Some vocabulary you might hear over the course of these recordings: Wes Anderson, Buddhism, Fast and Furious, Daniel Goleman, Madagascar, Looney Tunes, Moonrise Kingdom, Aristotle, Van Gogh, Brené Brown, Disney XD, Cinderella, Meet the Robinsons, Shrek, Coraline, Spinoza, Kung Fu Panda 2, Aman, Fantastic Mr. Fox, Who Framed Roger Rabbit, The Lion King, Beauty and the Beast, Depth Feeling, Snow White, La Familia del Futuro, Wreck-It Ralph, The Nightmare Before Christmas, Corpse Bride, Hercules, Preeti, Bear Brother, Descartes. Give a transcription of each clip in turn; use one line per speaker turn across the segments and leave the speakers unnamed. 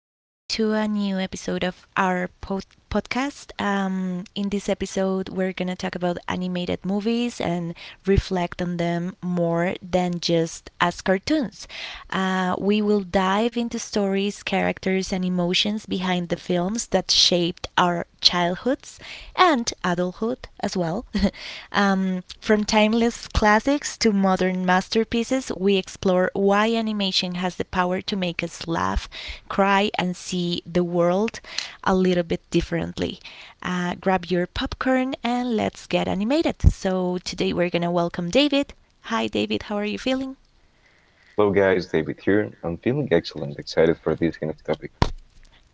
everybody, to a new episode of our podcast. In this episode, we're going to talk about animated movies and reflect on them more than just as cartoons. We will dive into stories, characters, and emotions behind the films that shaped our childhoods and adulthood as well. From timeless classics to modern masterpieces, we explore why animation has the power to make us laugh, cry, and see the world a little bit differently. Grab your popcorn and let's get animated. So, today we're gonna welcome David. Hi, David, how are you feeling?
Hello guys, David here. I'm feeling excellent, excited for this kind of topic.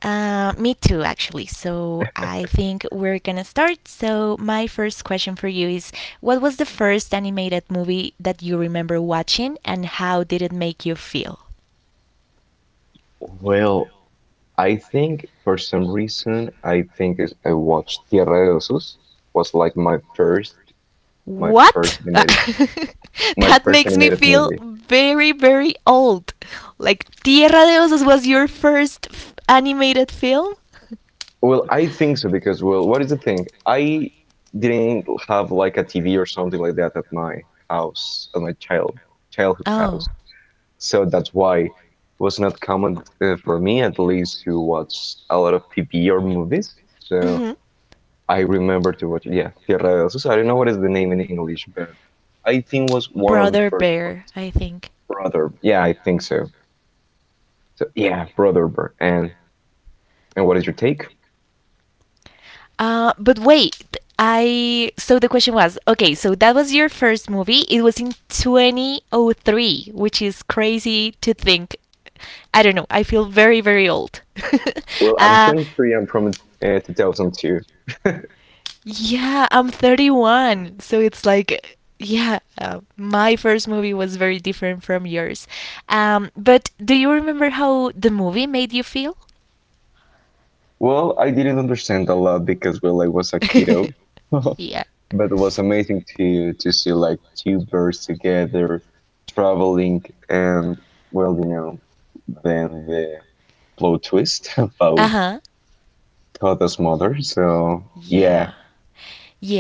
Me too, actually. So I think we're gonna start. So, my first question for you is, what was the first animated movie that you remember watching, and how did it make you feel?
Well, I think for some reason I think is I watched Tierra de Osos was like my
What?
first animated my
That
first
makes me
animated
feel
movie.
very, very old. Like, Tierra de Osos was your first animated film?
Well, I think so because well, what is the thing? I didn't have like a TV or something like that at my house, at my childhood
Oh,
house. So that's why it was not common for me at least to watch a lot of TV or movies. So
hmm.
I remember to watch. Yeah, Tierra de Osos. I don't know what is the name in English, but I think was one of the
Brother
first
Bear,
ones.
I think.
Brother. Yeah, I think so. So yeah, Brother bird. And what is your take?
But wait, I. So the question was, okay, so that was your first movie. It was in 2003, which is crazy to think. I don't know. I feel very, very old.
Well, I'm
uh,
23. I'm from 2002.
yeah, I'm 31. So it's like. Yeah, my first movie was very different from yours. But do you remember how the movie made you feel?
Well, I didn't understand a lot because well, I was a kiddo,
Yeah.
but it was amazing to see like two birds together traveling and well, then the plot twist
Uh
about
huh.
Toto's mother. So yeah,
Yeah.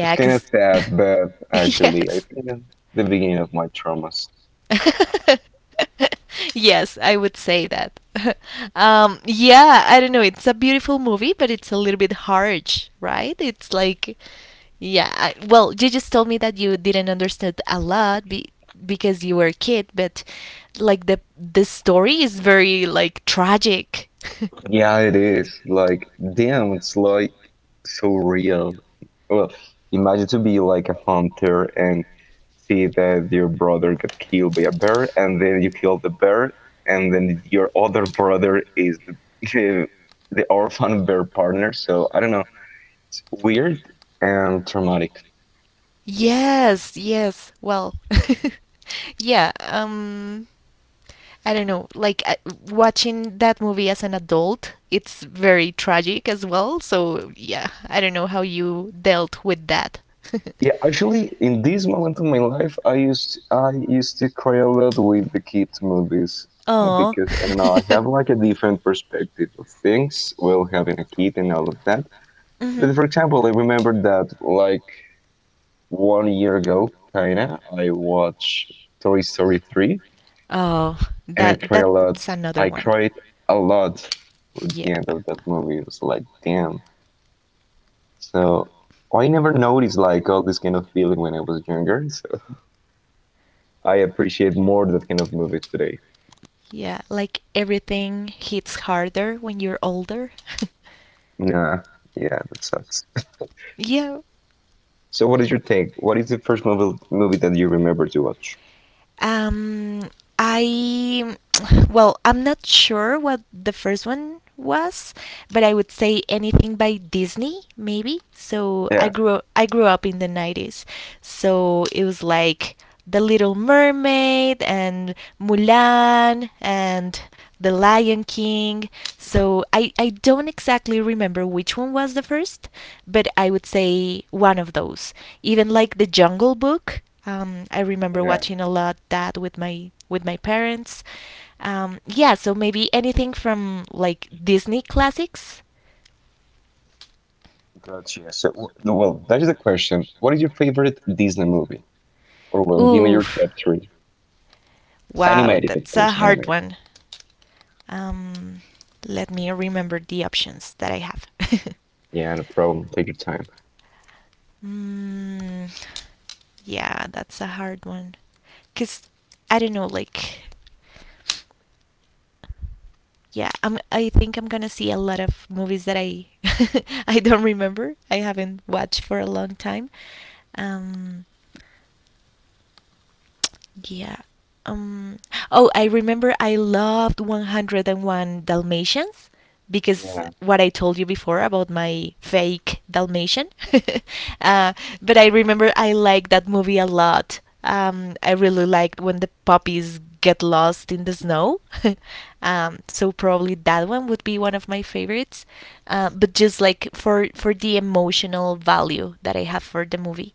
it's kind of
because.
sad, but actually, I
Yes.
think that's the beginning of my traumas.
Yes, I would say that. Yeah, I don't know. It's a beautiful movie, but it's a little bit harsh, right? It's like, yeah. Well, you just told me that you didn't understand a lot because you were a kid, but like the story is very like tragic.
Yeah, it is. Like, damn, it's like so real. Well, imagine to be like a hunter and see that your brother got killed by a bear, and then you kill the bear, and then your other brother is the the, the orphan bear partner. So I don't know, it's weird and traumatic.
Yes, yes. Well, yeah. I don't know. Like watching that movie as an adult, it's very tragic as well. So yeah, I don't know how you dealt with that.
Yeah, actually, in this moment of my life, I used to cry a lot with the kids movies
Oh.
because I don't know, I have like a different perspective of things while having a kid and all of that.
Hmm.
But for example, I remember that like one year ago, kinda, I watched Toy Story 3,
Oh,
and I
that
cry a lot.
that's another
I
one.
cried a lot for
Yeah.
the end of that movie. It was like, damn. So I never noticed like all this kind of feeling when I was younger. So, I appreciate more that kind of movies today.
Yeah, like everything hits harder when you're older.
Nah, yeah, that sucks.
Yeah.
So, what is your take? What is the first movie that you remember to watch?
Um, I, well, I'm not sure what the first one was, but I would say anything by Disney, maybe. So I
Yeah,
grew I grew up in the 90s, so it was like The Little Mermaid and Mulan and The Lion King. So I don't exactly remember which one was the first, but I would say one of those. Even like The Jungle Book. I remember
yeah,
watching a lot that with my parents. Yeah, so maybe anything from like Disney classics.
gotcha. So, no, well, that is the question. What is your favorite Disney movie? Or, well, give me your
Oof.
top three.
Wow,
Animated, of
that's a
course,
hard
animated.
one. Um, let me remember the options that I have.
Yeah, no problem. Take your time.
Mm, yeah, that's a hard one. Cause I don't know, like yeah, I think I'm gonna see a lot of movies that I I don't remember I haven't watched for a long time. um yeah um oh, I remember I loved 101 dalmatians because
Yeah,
what I told you before about my fake Dalmatian. uh, but I remember I liked that movie a lot. I really liked when the puppies get lost in the snow. So probably that one would be one of my favorites. But just like for the emotional value that I have for the movie.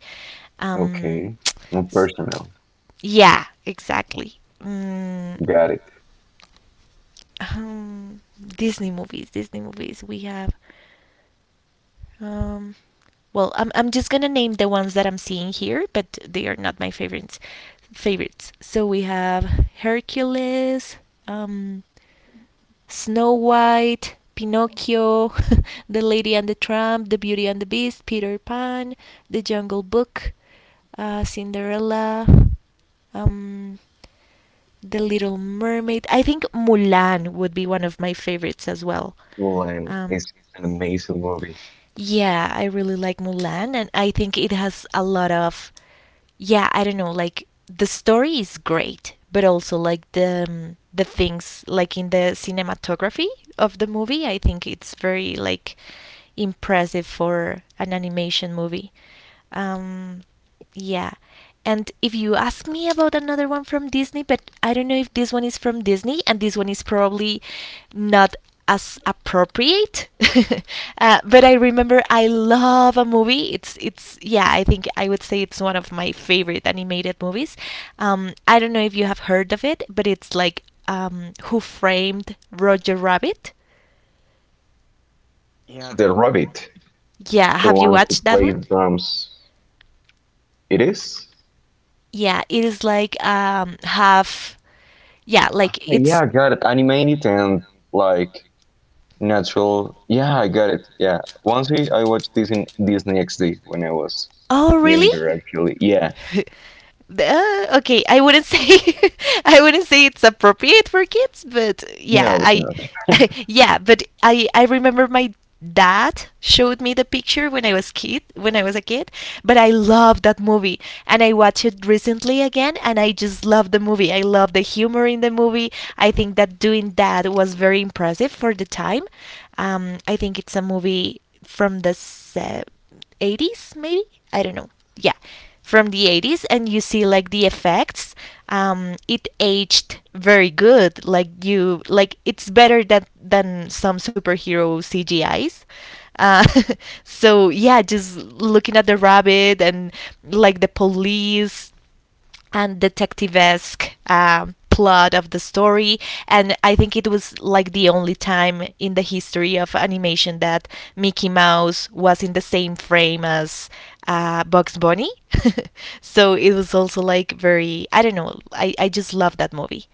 Um,
okay. More
s-
personal.
yeah, exactly. Mm,
Got it.
um, Disney movies. Disney movies. We have. Um, well, I'm just gonna name the ones that I'm seeing here, but they are not my favorites. Favorites. So we have Hercules, um, Snow White, Pinocchio, The Lady and the Tramp, The Beauty and the Beast, Peter Pan, The Jungle Book, Cinderella. Um, the Little Mermaid. I think Mulan would be one of my favorites as well.
Mulan
Um,
is an amazing movie.
yeah, I really like Mulan, and I think it has a lot of, yeah, I don't know, like the story is great, but also like the things like in the cinematography of the movie, I think it's very like impressive for an animation movie. Um, yeah. And if you ask me about another one from Disney, but I don't know if this one is from Disney and this one is probably not as appropriate. But I remember I love a movie. It's yeah. I think I would say it's one of my favorite animated movies. I don't know if you have heard of it, but it's like Who Framed Roger Rabbit.
Yeah, the rabbit,
Yeah,
the
have you
one who
watched that one?
plays drums. It is?
Yeah, it is like have yeah, like
Like, yeah,
it's.
I got it. Animated and like natural. Yeah, I got it. Yeah. Once I watched this in Disney XD when I was
Oh,
younger,
really?
actually. Yeah.
Okay, I wouldn't say I wouldn't say it's appropriate for kids, but yeah,
No, it's
I
not.
yeah, but I remember my dad showed me the picture when I was a kid, but I love that movie and I watched it recently again and I just love the movie. I love the humor in the movie. I think that doing that was very impressive for the time. Um, I think it's a movie from the 80s maybe, I don't know, yeah, from the 80s, and you see like the effects. It aged very good, like you like it's better than some superhero cgis. uh, so yeah, just looking at the rabbit and like the police and detective-esque plot of the story, and I think it was like the only time in the history of animation that Mickey Mouse was in the same frame as Bugs Bunny. So it was also like very, I don't know, I just love that movie.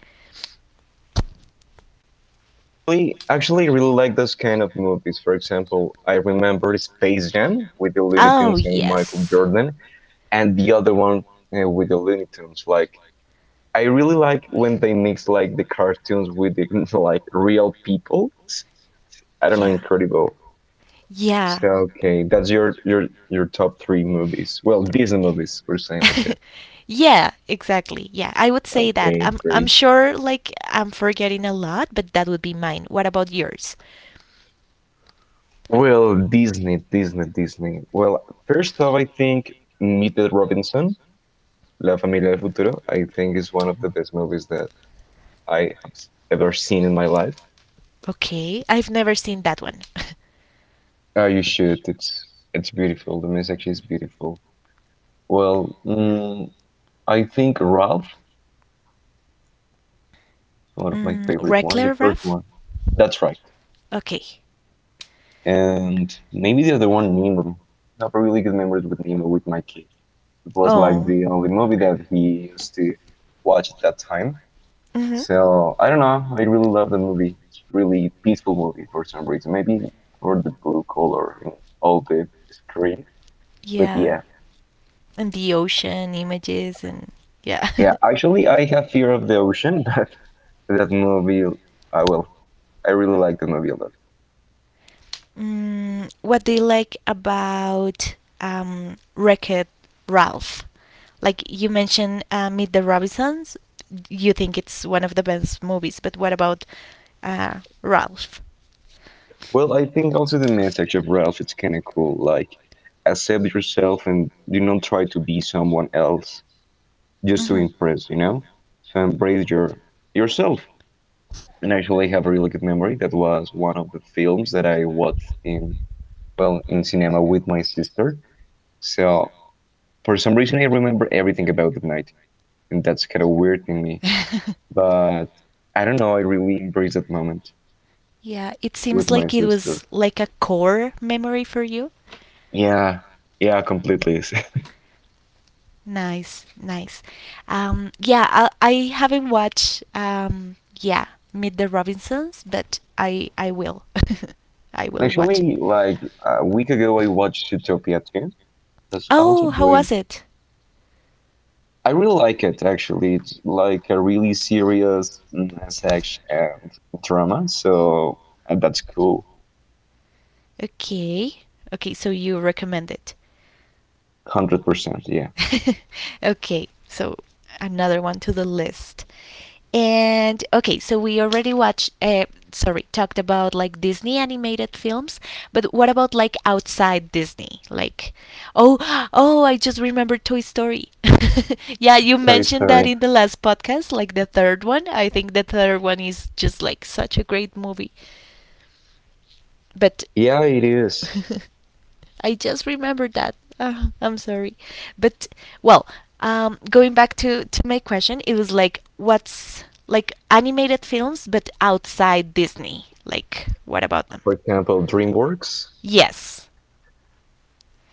Actually really like those kind of movies. For example, I remember Space Jam with the Looney
Oh
Tunes and Michael
yes,
Jordan, and the other one with the Looney Tunes. Like, I really like when they mix like the cartoons with like real people. It's, I don't know,
yeah.
incredible.
Yeah.
So okay, that's your top three movies. Well, Disney movies. We're saying like that.
Yeah, exactly. Yeah, I would say that.
Okay,
I'm
great.
sure like I'm forgetting a lot, but that would be mine. What about yours?
Well, Disney, Disney, Disney. Well, first off, I think Meet the Robinson, La Familia del Futuro. I think is one of the best movies that I have ever seen in my life.
Okay, I've never seen that one.
Oh, you should. It's beautiful. The message is beautiful. Well, I think Ralph is one of my
Mm,
favorite ones, the
Wreckler
first
Ralph?
one. That's right.
Okay.
And maybe the other one, Nemo. I have really good memories with Nemo with my kid. It was like
Oh.
the only movie that he used to watch at that time.
Hmm.
So I don't know. I really love the movie. It's really peaceful movie for some reason. Maybe for the blue color in all the screen. But
Yeah.
yeah,
And the ocean images and yeah.
yeah. Actually, I have fear of the ocean, but that movie, I will. I really like the movie a lot.
Mm, what do you like about Wreck-It Ralph? Like you mentioned, Meet the Robinsons. You think it's one of the best movies, but what about Ralph?
Well, I think also the message of Ralph it's kind of cool. Like, accept yourself and do not try to be someone else just to
Mm-hmm.
impress. You know, so embrace yourself. And actually, I have a really good memory. That was one of the films that I watched in well in cinema with my sister. So for some reason, I remember everything about that night, and that's kind of weird in me. But I don't know. I really embraced that moment
Yeah, it
with
seems
my
like it
sister.
was like a core memory for you.
Yeah, yeah, completely.
Nice, nice. Yeah, I haven't watched. Yeah, Meet the Robinsons, but I will, I
And
will watch it.
actually, like a week ago, I watched Utopia too. That's also
Oh, how
great.
was it?
I really like it, actually. It's like a really serious message and drama, so and that's cool.
Okay, okay. So you recommend it?
100%, yeah.
Okay, so another one to the list. And okay, so we already watched, sorry, talked about like Disney animated films, but what about like outside Disney? Like, oh, oh, I just remembered Toy Story. Yeah, you
Toy
mentioned
Story.
that in the last podcast, like the third one. I think the third one is just like such a great movie. But
Yeah, it is.
I just remembered that. Ah, I'm sorry. But well, going back to my question, it was like what's like animated films but outside Disney. Like what about them?
For example, DreamWorks.
Yes.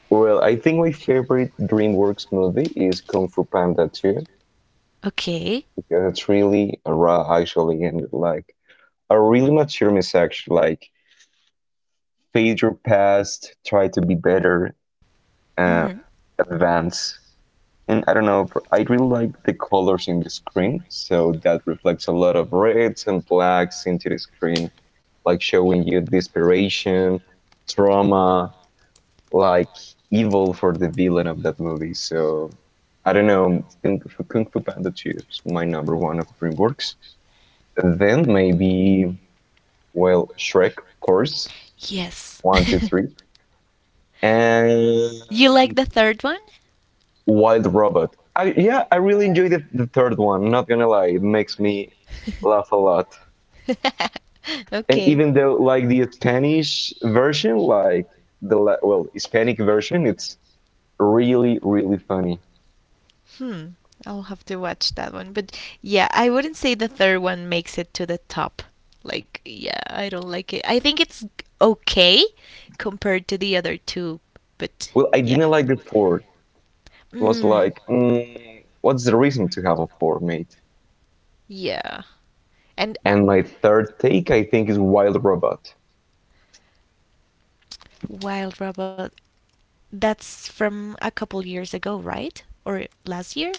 Well, I think my favorite DreamWorks movie is Kung Fu Panda 2
Okay.
because it's really raw, actually, and like a really mature message, like fade your past, try to be better, uh,
Mhm.
advance. And I don't know, I really like the colors in the screen. So that reflects a lot of reds and blacks into the screen, like showing you desperation, trauma, like evil for the villain of that movie. So I don't know, Kung Fu Panda 2 is my number one of DreamWorks. Then maybe, well, Shrek, of course,
Yes.
one, two, three.
You like
And
the third one?
Wild Robot. Yeah, I really enjoyed the third one. Not gonna lie, it makes me laugh a lot.
Lot.
And
Okay.
even though like the Spanish version, like the well Hispanic version, it's really really funny.
Hmm. I'll have to watch that one. But yeah, I wouldn't say the third one makes it to the top. Like, yeah, I don't like it. I think it's okay compared to the other two, but
Well, I
yeah.
didn't like the fourth. It was
Mm,
like, what's the reason to have a four, mate?
yeah. And
And my third take, I think, is Wild Robot.
Wild Robot. That's from a couple years ago, right? Or last year?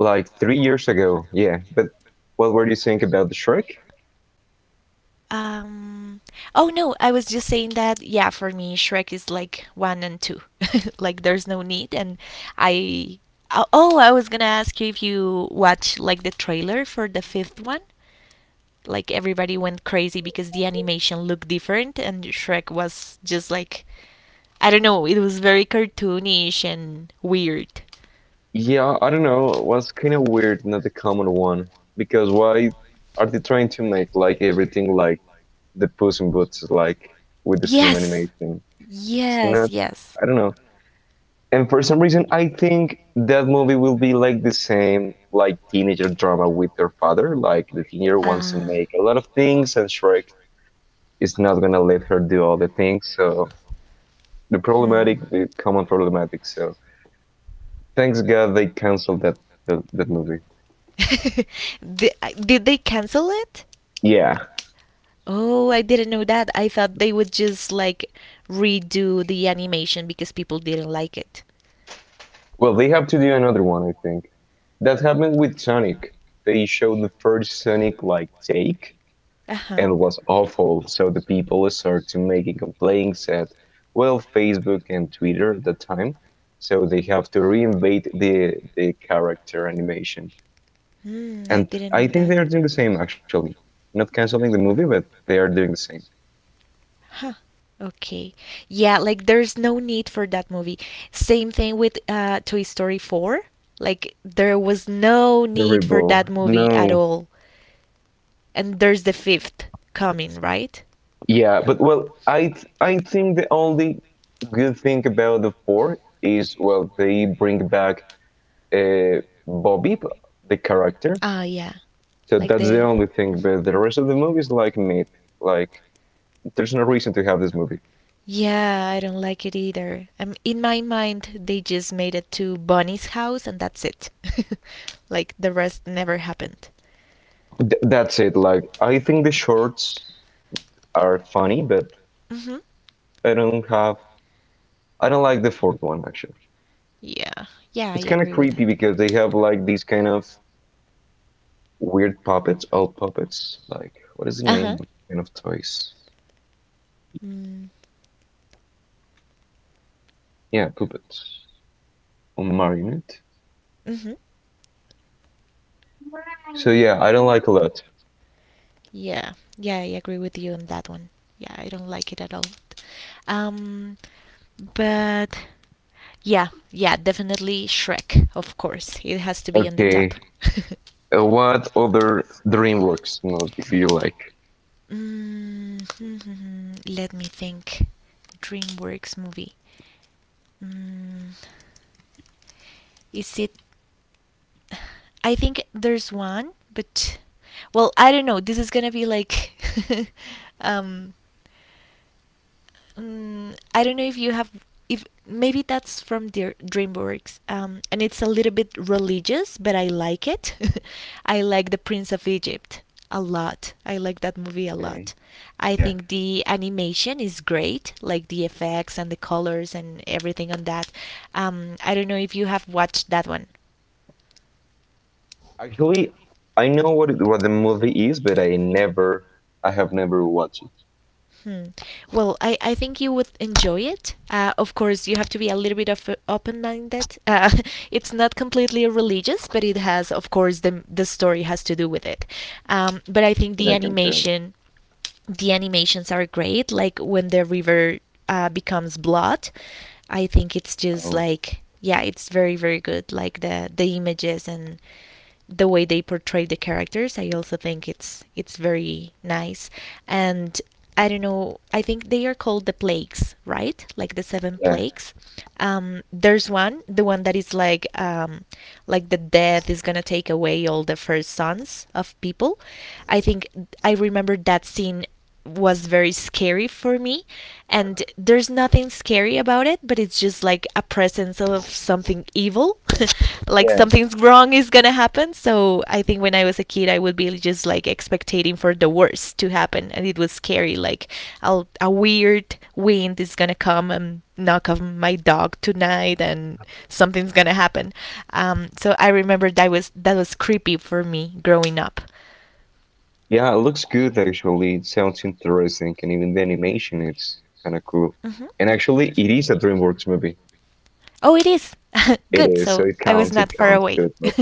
Like 3 years ago, yeah. But what were you saying about the Shrek?
Um, oh no, I was just saying that, yeah, for me, Shrek is like one and two. Like, there's no need. And I. Oh, oh, I was gonna ask you if you watched like the trailer for the fifth one. Like, everybody went crazy because the animation looked different, and Shrek was just like. I don't know, it was very cartoonish and weird.
Yeah, I don't know. It was kind of weird, not the common one. Because why are they trying to make like everything like the Puss in Boots is like with the same
Yes,
animation? It's
yes,
not.
yes.
I don't know. And for some reason, I think that movie will be like the same like teenager drama with their father. Like the teenager wants to
Uh,
make a lot of things, and Shrek is not gonna let her do all the things. So the
hmm.
problematic, the common problematic. So thanks God they canceled that movie.
Did, did they cancel it?
Yeah.
Oh, I didn't know that. I thought they would just like redo the animation because people didn't like it.
Well, they have to do another one, I think. That happened with Sonic. They showed the first Sonic like take
Uh huh.
and it was awful. So the people started making complaints at well Facebook and Twitter at the time. So they have to reinvent the character animation.
Mm, I
And
didn't
I
know I
think
that.
they are
Think they
doing the
are doing the
same
same
actually.
actually.
Not
Not
canceling the movie,
canceling the
but
movie, but
they are
they
doing the
are doing
same.
the same. Huh. Okay. Yeah, like there's no need for that movie. Same thing with Toy Story 4. Like there was no need for
Terrible.
that movie at
No.
all and there's the fifth coming, right?
Yeah, but well, I think the only good thing about the four is well they bring back Bobby, the character.
Ah, yeah,
So
like
that's the
the
only thing. But the rest of the movie is like meat. Like there's no reason to have this movie.
yeah. I don't like it either. In my mind, they just made it to Bonnie's house and that's it. Like the rest never happened.
That's it. Like I think the shorts are funny, but
Mhm.
I don't have. I don't like the fourth one actually.
Yeah. Yeah, I
It's kind of
agree with
creepy
it.
because they have like these kind of weird puppets, all puppets. Like what is the
Uh
name
huh.
of kind of toys?
Mm
Yeah, puppets. On Marinette.
hmm.
So yeah, I don't like a lot.
Yeah. Yeah, I agree with you on that one. Yeah, I don't like it at all. Um, but yeah, yeah, definitely Shrek, of course. It has to be on the top.
Okay. What other DreamWorks movie do you like?
Mm, let me think. DreamWorks movie. Mm, is it I think there's one, but well, I don't know. This is gonna be like, um, I don't know if you have, if maybe that's from Dear DreamWorks, and it's a little bit religious, but I like it. I like The Prince of Egypt a lot. I like that movie a
Okay.
lot. I
Yeah.
think the animation is great, like the effects and the colors and everything on that. I don't know if you have watched that one.
Actually, I know what the movie is, but I have never watched it.
Hmm. Well, I think you would enjoy it. Of course, you have to be a little bit of open minded. It's not completely religious, but it has, of course, the story has to do with it. But I think
And
the
I can tell.
animation, the animations are great. Like when the river becomes blood, I think it's just
Oh,
like yeah, it's very very good. Like the images and the way they portray the characters I also think it's very nice, and I don't know, I think they are called the plagues, right? Like the seven
yeah,
plagues. There's one, the one that is like the death is gonna take away all the first sons of people. I think I remember that scene was very scary for me, and there's nothing scary about it, but it's just like a presence of something evil like
yeah,
something's wrong is gonna happen, so I think when I was a kid I would be just like expecting for the worst to happen, and it was scary like I'll, a weird wind is gonna come and knock on my dog tonight and something's gonna happen, so I remember that was creepy for me growing up.
yeah. It looks good actually. It sounds interesting, and even the animation, it's kind of cool.
Hmm. Cool.
And actually, it is a DreamWorks movie.
Oh, it is!
It
Good,
is, so
so
it
I was
counts. It
not far
counts.
away.
Good.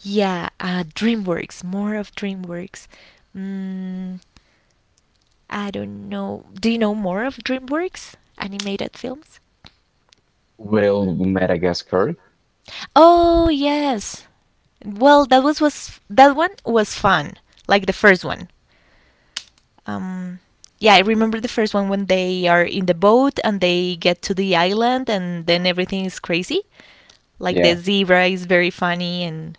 Yeah, DreamWorks, more of DreamWorks. Mm, I don't know. Do you know more of DreamWorks animated films?
Well, Madagascar.
Oh, yes. Well, that was that one was fun, like the first one. Um, yeah, I remember the first one when they are in the boat and they get to the island and then everything is crazy. Like the
Yeah.
zebra is very funny and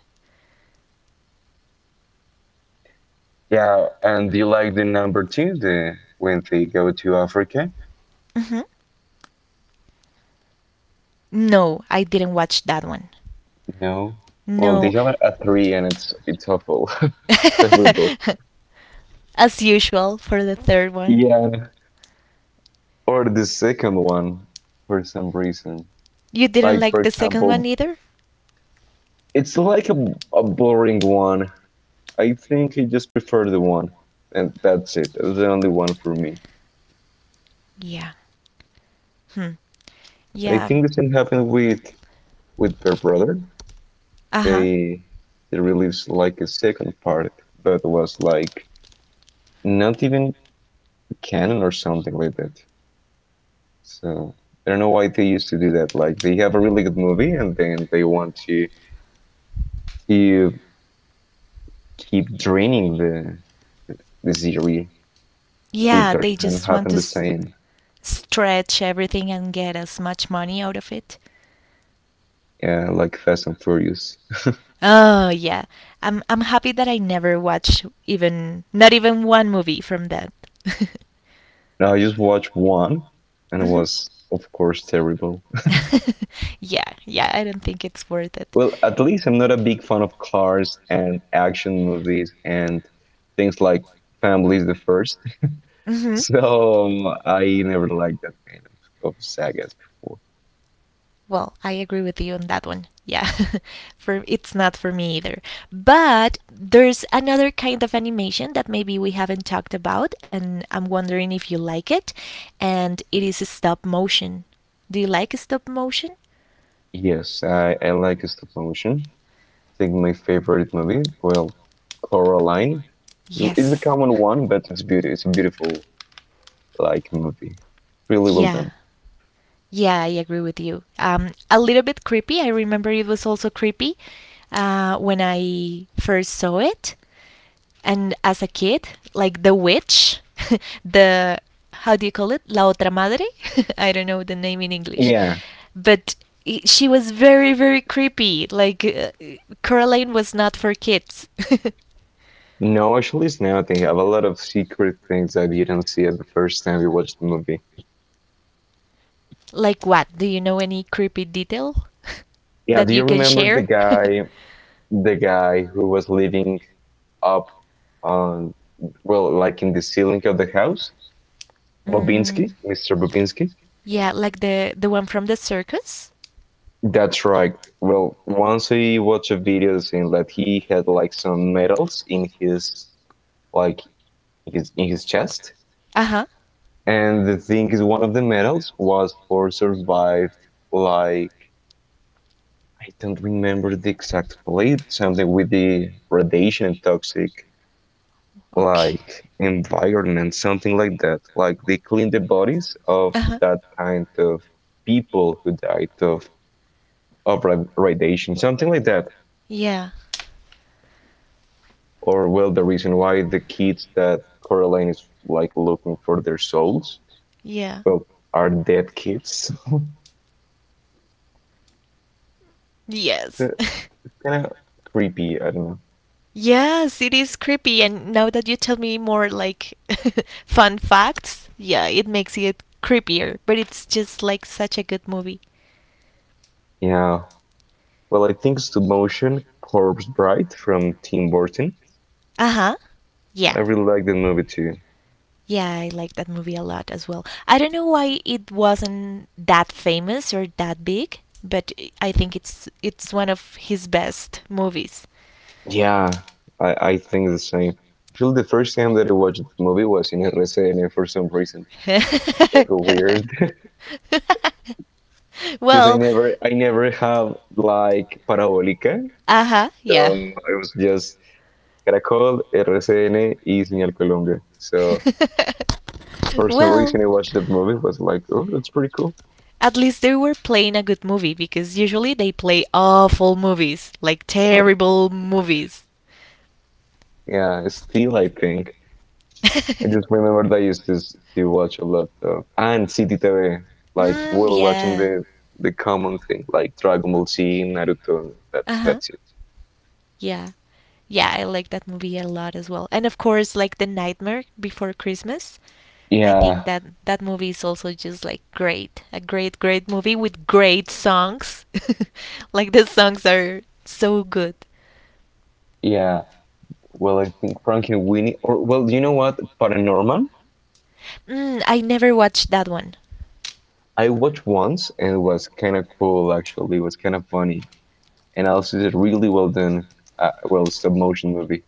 Yeah, and do you like the number two, the when they go to Africa?
mhm. No, I didn't watch that one.
No. Well, they
No,
have a three, and it's awful, terrible.
as usual for the third one.
Yeah. Or the second one, for some reason.
You didn't
Like for
like the second one
example,
either?
it's like a boring one. I think I just prefer the one, and that's it. That's the only one for me.
Yeah. Hmm.
I
Yeah.
think the same happened with Bear Brother.
Uh huh.
They they released like a second part that was like not even canon or something like that. So I don't know why they used to do that. Like they have a really good movie and then they want to keep draining the series.
Yeah,
Withers
they
and
just want
happened
to
the same.
stretch everything and get as much money out of it.
Yeah, like Fast and Furious.
Oh yeah, I'm happy that I never watched even not even one movie from that.
Now I just watched one and it
Mhm.
was of course terrible.
Yeah, yeah, I don't think it's worth it.
Well, at least I'm not a big fan of cars and action movies and things like Family is the First.
Mhm.
So I never liked that kind of sagas before.
Well, I agree with you on that one. Yeah. For it's not for me either. But there's another kind of animation that maybe we haven't talked about, and I'm wondering if you like it, and it is stop motion. Do you like stop motion?
Yes, I like stop motion. I think my favorite movie, well, Coraline. It's the
Yes.
common one, but it's beauty. It's a beautiful like movie. Really well
Yeah.
done.
Yeah, I agree with you. A little bit creepy. I remember it was also creepy when I first saw it. And as a kid, like the witch, the how do you call it? La otra madre? I don't know the name in English.
Yeah.
But she was very very creepy. Like Coraline was not for kids.
No, actually, it's not. They have a lot of secret things that you didn't see at the first time you watched the movie.
Like what? Do you know any creepy detail
Yeah.
that
Do
you
you
can
remember
share?
the guy who was living up on, well, like in the ceiling of the house?
Mm,
Bobinski, Mr. Bobinski.
yeah, like the one from the circus?
That's right. Well, once I watched a video saying that he had like some medals in his like his in his chest,
Uh-huh.
and the thing is, one of the medals was for survived like I don't remember the exact place, but something with the radiation and toxic
Okay.
like environment, something like that. Like they cleaned the bodies of
Uh-huh.
that kind of people who died of radiation, something like that.
Yeah.
Or well, the reason why the kids that Coraline is like looking for their souls,
Yeah.
well, are dead kids.
Yes.
Kind of creepy, I don't know.
Yes, it is creepy. And now that you tell me more like fun facts, yeah, it makes it creepier. But it's just like such a good movie.
Yeah, well, I think it's the motion Corpse Bride from Tim Burton.
Uh huh. Yeah.
I really like the movie too.
Yeah, I like that movie a lot as well. I don't know why it wasn't that famous or that big, but I think it's one of his best movies.
Yeah, I think the same. I feel the first time that I watched the movie was in RCN for some reason. It was so weird because I
Well,
never, I never have like parabolica,
uh huh,
so
yeah.
I was just Caracol, RCN, y Señal Colombia. So for some reason,
Well,
I watched that movie. It was like, oh, that's pretty cool.
at least they were playing a good movie because usually they play awful movies, like
Um,
terrible movies.
yeah, still, I think I just remember that I used to watch a lot of and CTV. Like
Mm,
we're watching
yeah.
the common thing like Dragon Ball Z, Naruto. And
Uh
that's
huh.
that's it.
Yeah. Yeah, I like that movie a lot as well. And of course, like The Nightmare Before Christmas. I think
Yeah,
that that movie is also just like great. A great, great movie with great songs. Like the songs are so good.
yeah. Well, I think Frankie and Winnie, or well, you know what, Paranorman.
Mm, I never watched that one.
I watched once and it was kind of cool. Actually, it was kind of funny. And also did really well done, well, stop motion movie.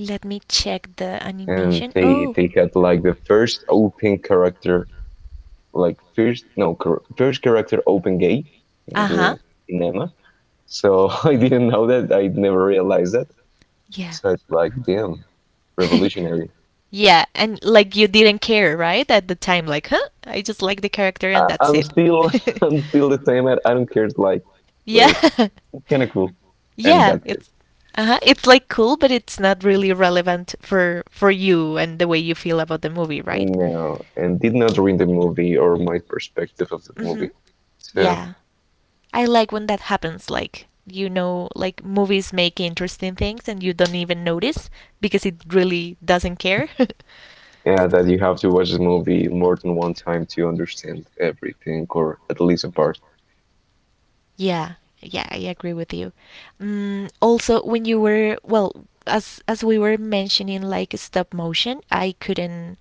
Let me check the
And
animation.
they
Oh,
they had like the first open character, like first no char- first character open gay in
uh huh.
the cinema. So I didn't know that. I never realized that.
Yeah.
So it's like damn, revolutionary.
Yeah, and like you didn't care, right? At the time, like, huh? I just like the character and
I,
that's
I'm
it.
still I'm still the same. I don't care. Like,
Yeah.
well, kind of cool, and
Yeah,
that's it.
it's uh-huh. It's like cool, but it's not really relevant for you and the way you feel about the movie, right?
No, and did not ruin the movie or my perspective of the
Mm-hmm.
movie. So
Yeah. I like when that happens. Like, you know, like movies make interesting things and you don't even notice because it really doesn't care.
yeah, that you have to watch the movie more than one time to understand everything, or at least a part.
Yeah, yeah, I agree with you. Mm, also, when you were well, as we were mentioning, like stop motion, I couldn't.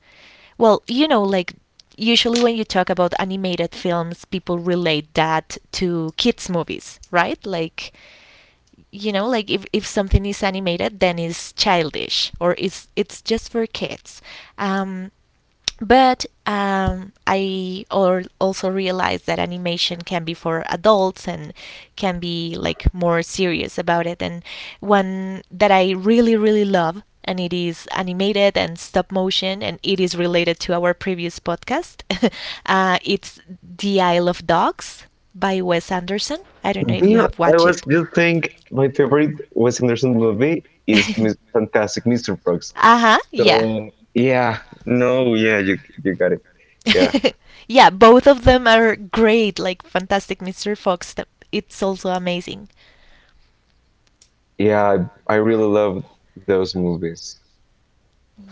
Well, you know, like usually when you talk about animated films, people relate that to kids' movies, right? Like you know, like if something is animated, then it's childish or it's just for kids. Um, but I or also realized that animation can be for adults and can be like more serious about it. And one that I really, really love, and it is animated and stop motion, and it is related to our previous podcast. It's The Isle of Dogs by Wes Anderson. I don't know if you
There,
have
I
watched it.
was just saying my favorite Wes Anderson movie is Fantastic Mr. Brooks.
Uh huh, yeah.
So yeah, no, yeah, you got it. Yeah,
Yeah, both of them are great, like Fantastic Mr. Fox. It's also amazing.
yeah, I really love those movies.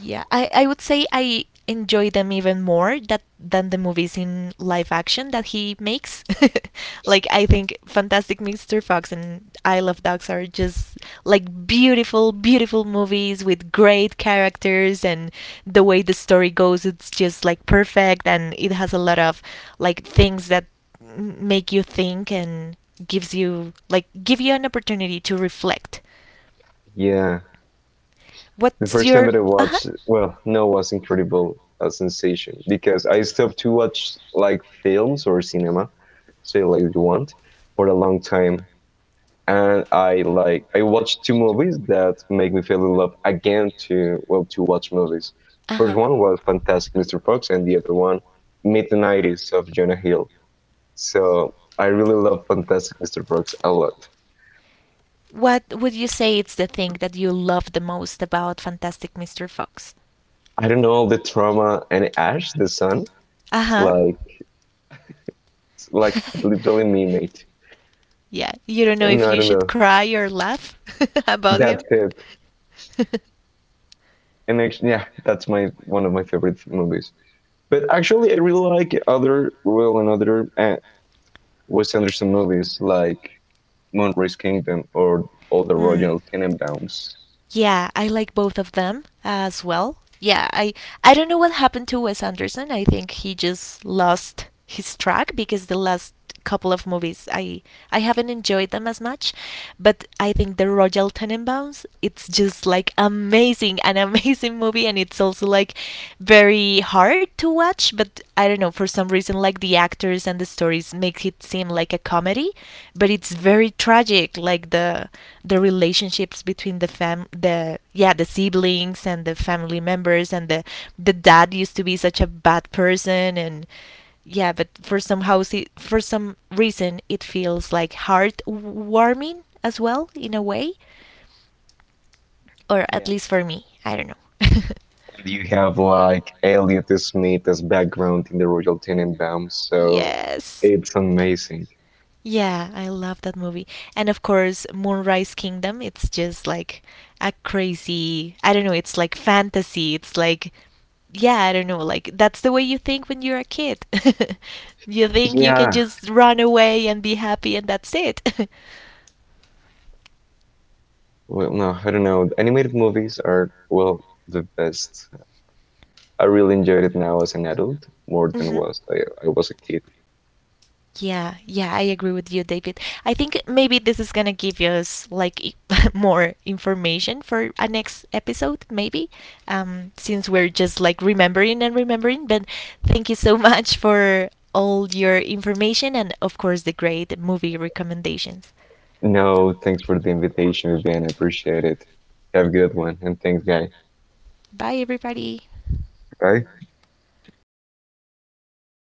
Yeah, I would say I enjoy them even more that than the movies in live action that he makes. Like I think Fantastic Mr. Fox and Isle of Dogs are just like beautiful, beautiful movies with great characters, and the way the story goes it's just like perfect, and it has a lot of like things that make you think and gives you like give you an opportunity to reflect.
Yeah, the
What's
first time
your
that I
uh-huh
watched, well, no, was incredible a sensation because I stopped to watch like films or cinema, say like you want, for a long time. And I like I watched two movies that make me fell in love again to well to watch movies.
uh
First
huh.
one was Fantastic Mr. Fox, and the other one Mid Nineties of Jonah Hill. So I really love Fantastic Mr. Fox a lot.
What would you say it's the thing that you love the most about Fantastic Mr. Fox?
I don't know the trauma and Ash the son.
Uh
It's
huh.
like it's like literally me mate,
Yeah, you don't know
and
if
I
you
don't
should
know.
cry or laugh about
That's
him.
it. And actually, yeah, that's my one of my favorite movies. But actually, I really like other well another Wes Anderson movies like Moonrise Kingdom or all the
Hmm.
Royal Tenenbaums.
Yeah, I like both of them as well. Yeah, I don't know what happened to Wes Anderson. I think he just lost his track because the last couple of movies I haven't enjoyed them as much. But I think the Royal Tenenbaums, it's just like amazing, an amazing movie, and it's also like very very hard to watch, but I don't know, for some reason, like the actors and the stories make it seem like a comedy, but it's very tragic, like the relationships between the yeah, the siblings and the family members and the dad used to be such a bad person and yeah, but for somehow for some reason it feels like heartwarming as well in a way, or at
Yeah.
least for me. I don't know.
And you have like Elliot Smith as background in the Royal Tenenbaums, so
Yes.
it's amazing.
Yeah, I love that movie. And of course, Moonrise Kingdom, it's just like a crazy, I don't know, it's like fantasy. It's like, yeah, I don't know, like that's the way you think when you're a kid. You think you can
Yeah.
just run away and be happy and that's it.
Well, no, I don't know. Animated movies are well the best. I really enjoyed it now as an adult more than
Hmm.
was I was a kid.
Yeah, yeah, I agree with you, David. I think maybe this is gonna give us like more information for a next episode, maybe, since we're just like remembering and remembering. But thank you so much for all your information and, of course, the great movie recommendations.
No, thanks for the invitation, Vivian. I appreciate it. Have a good one, and thanks, guy.
Bye, everybody.
Bye.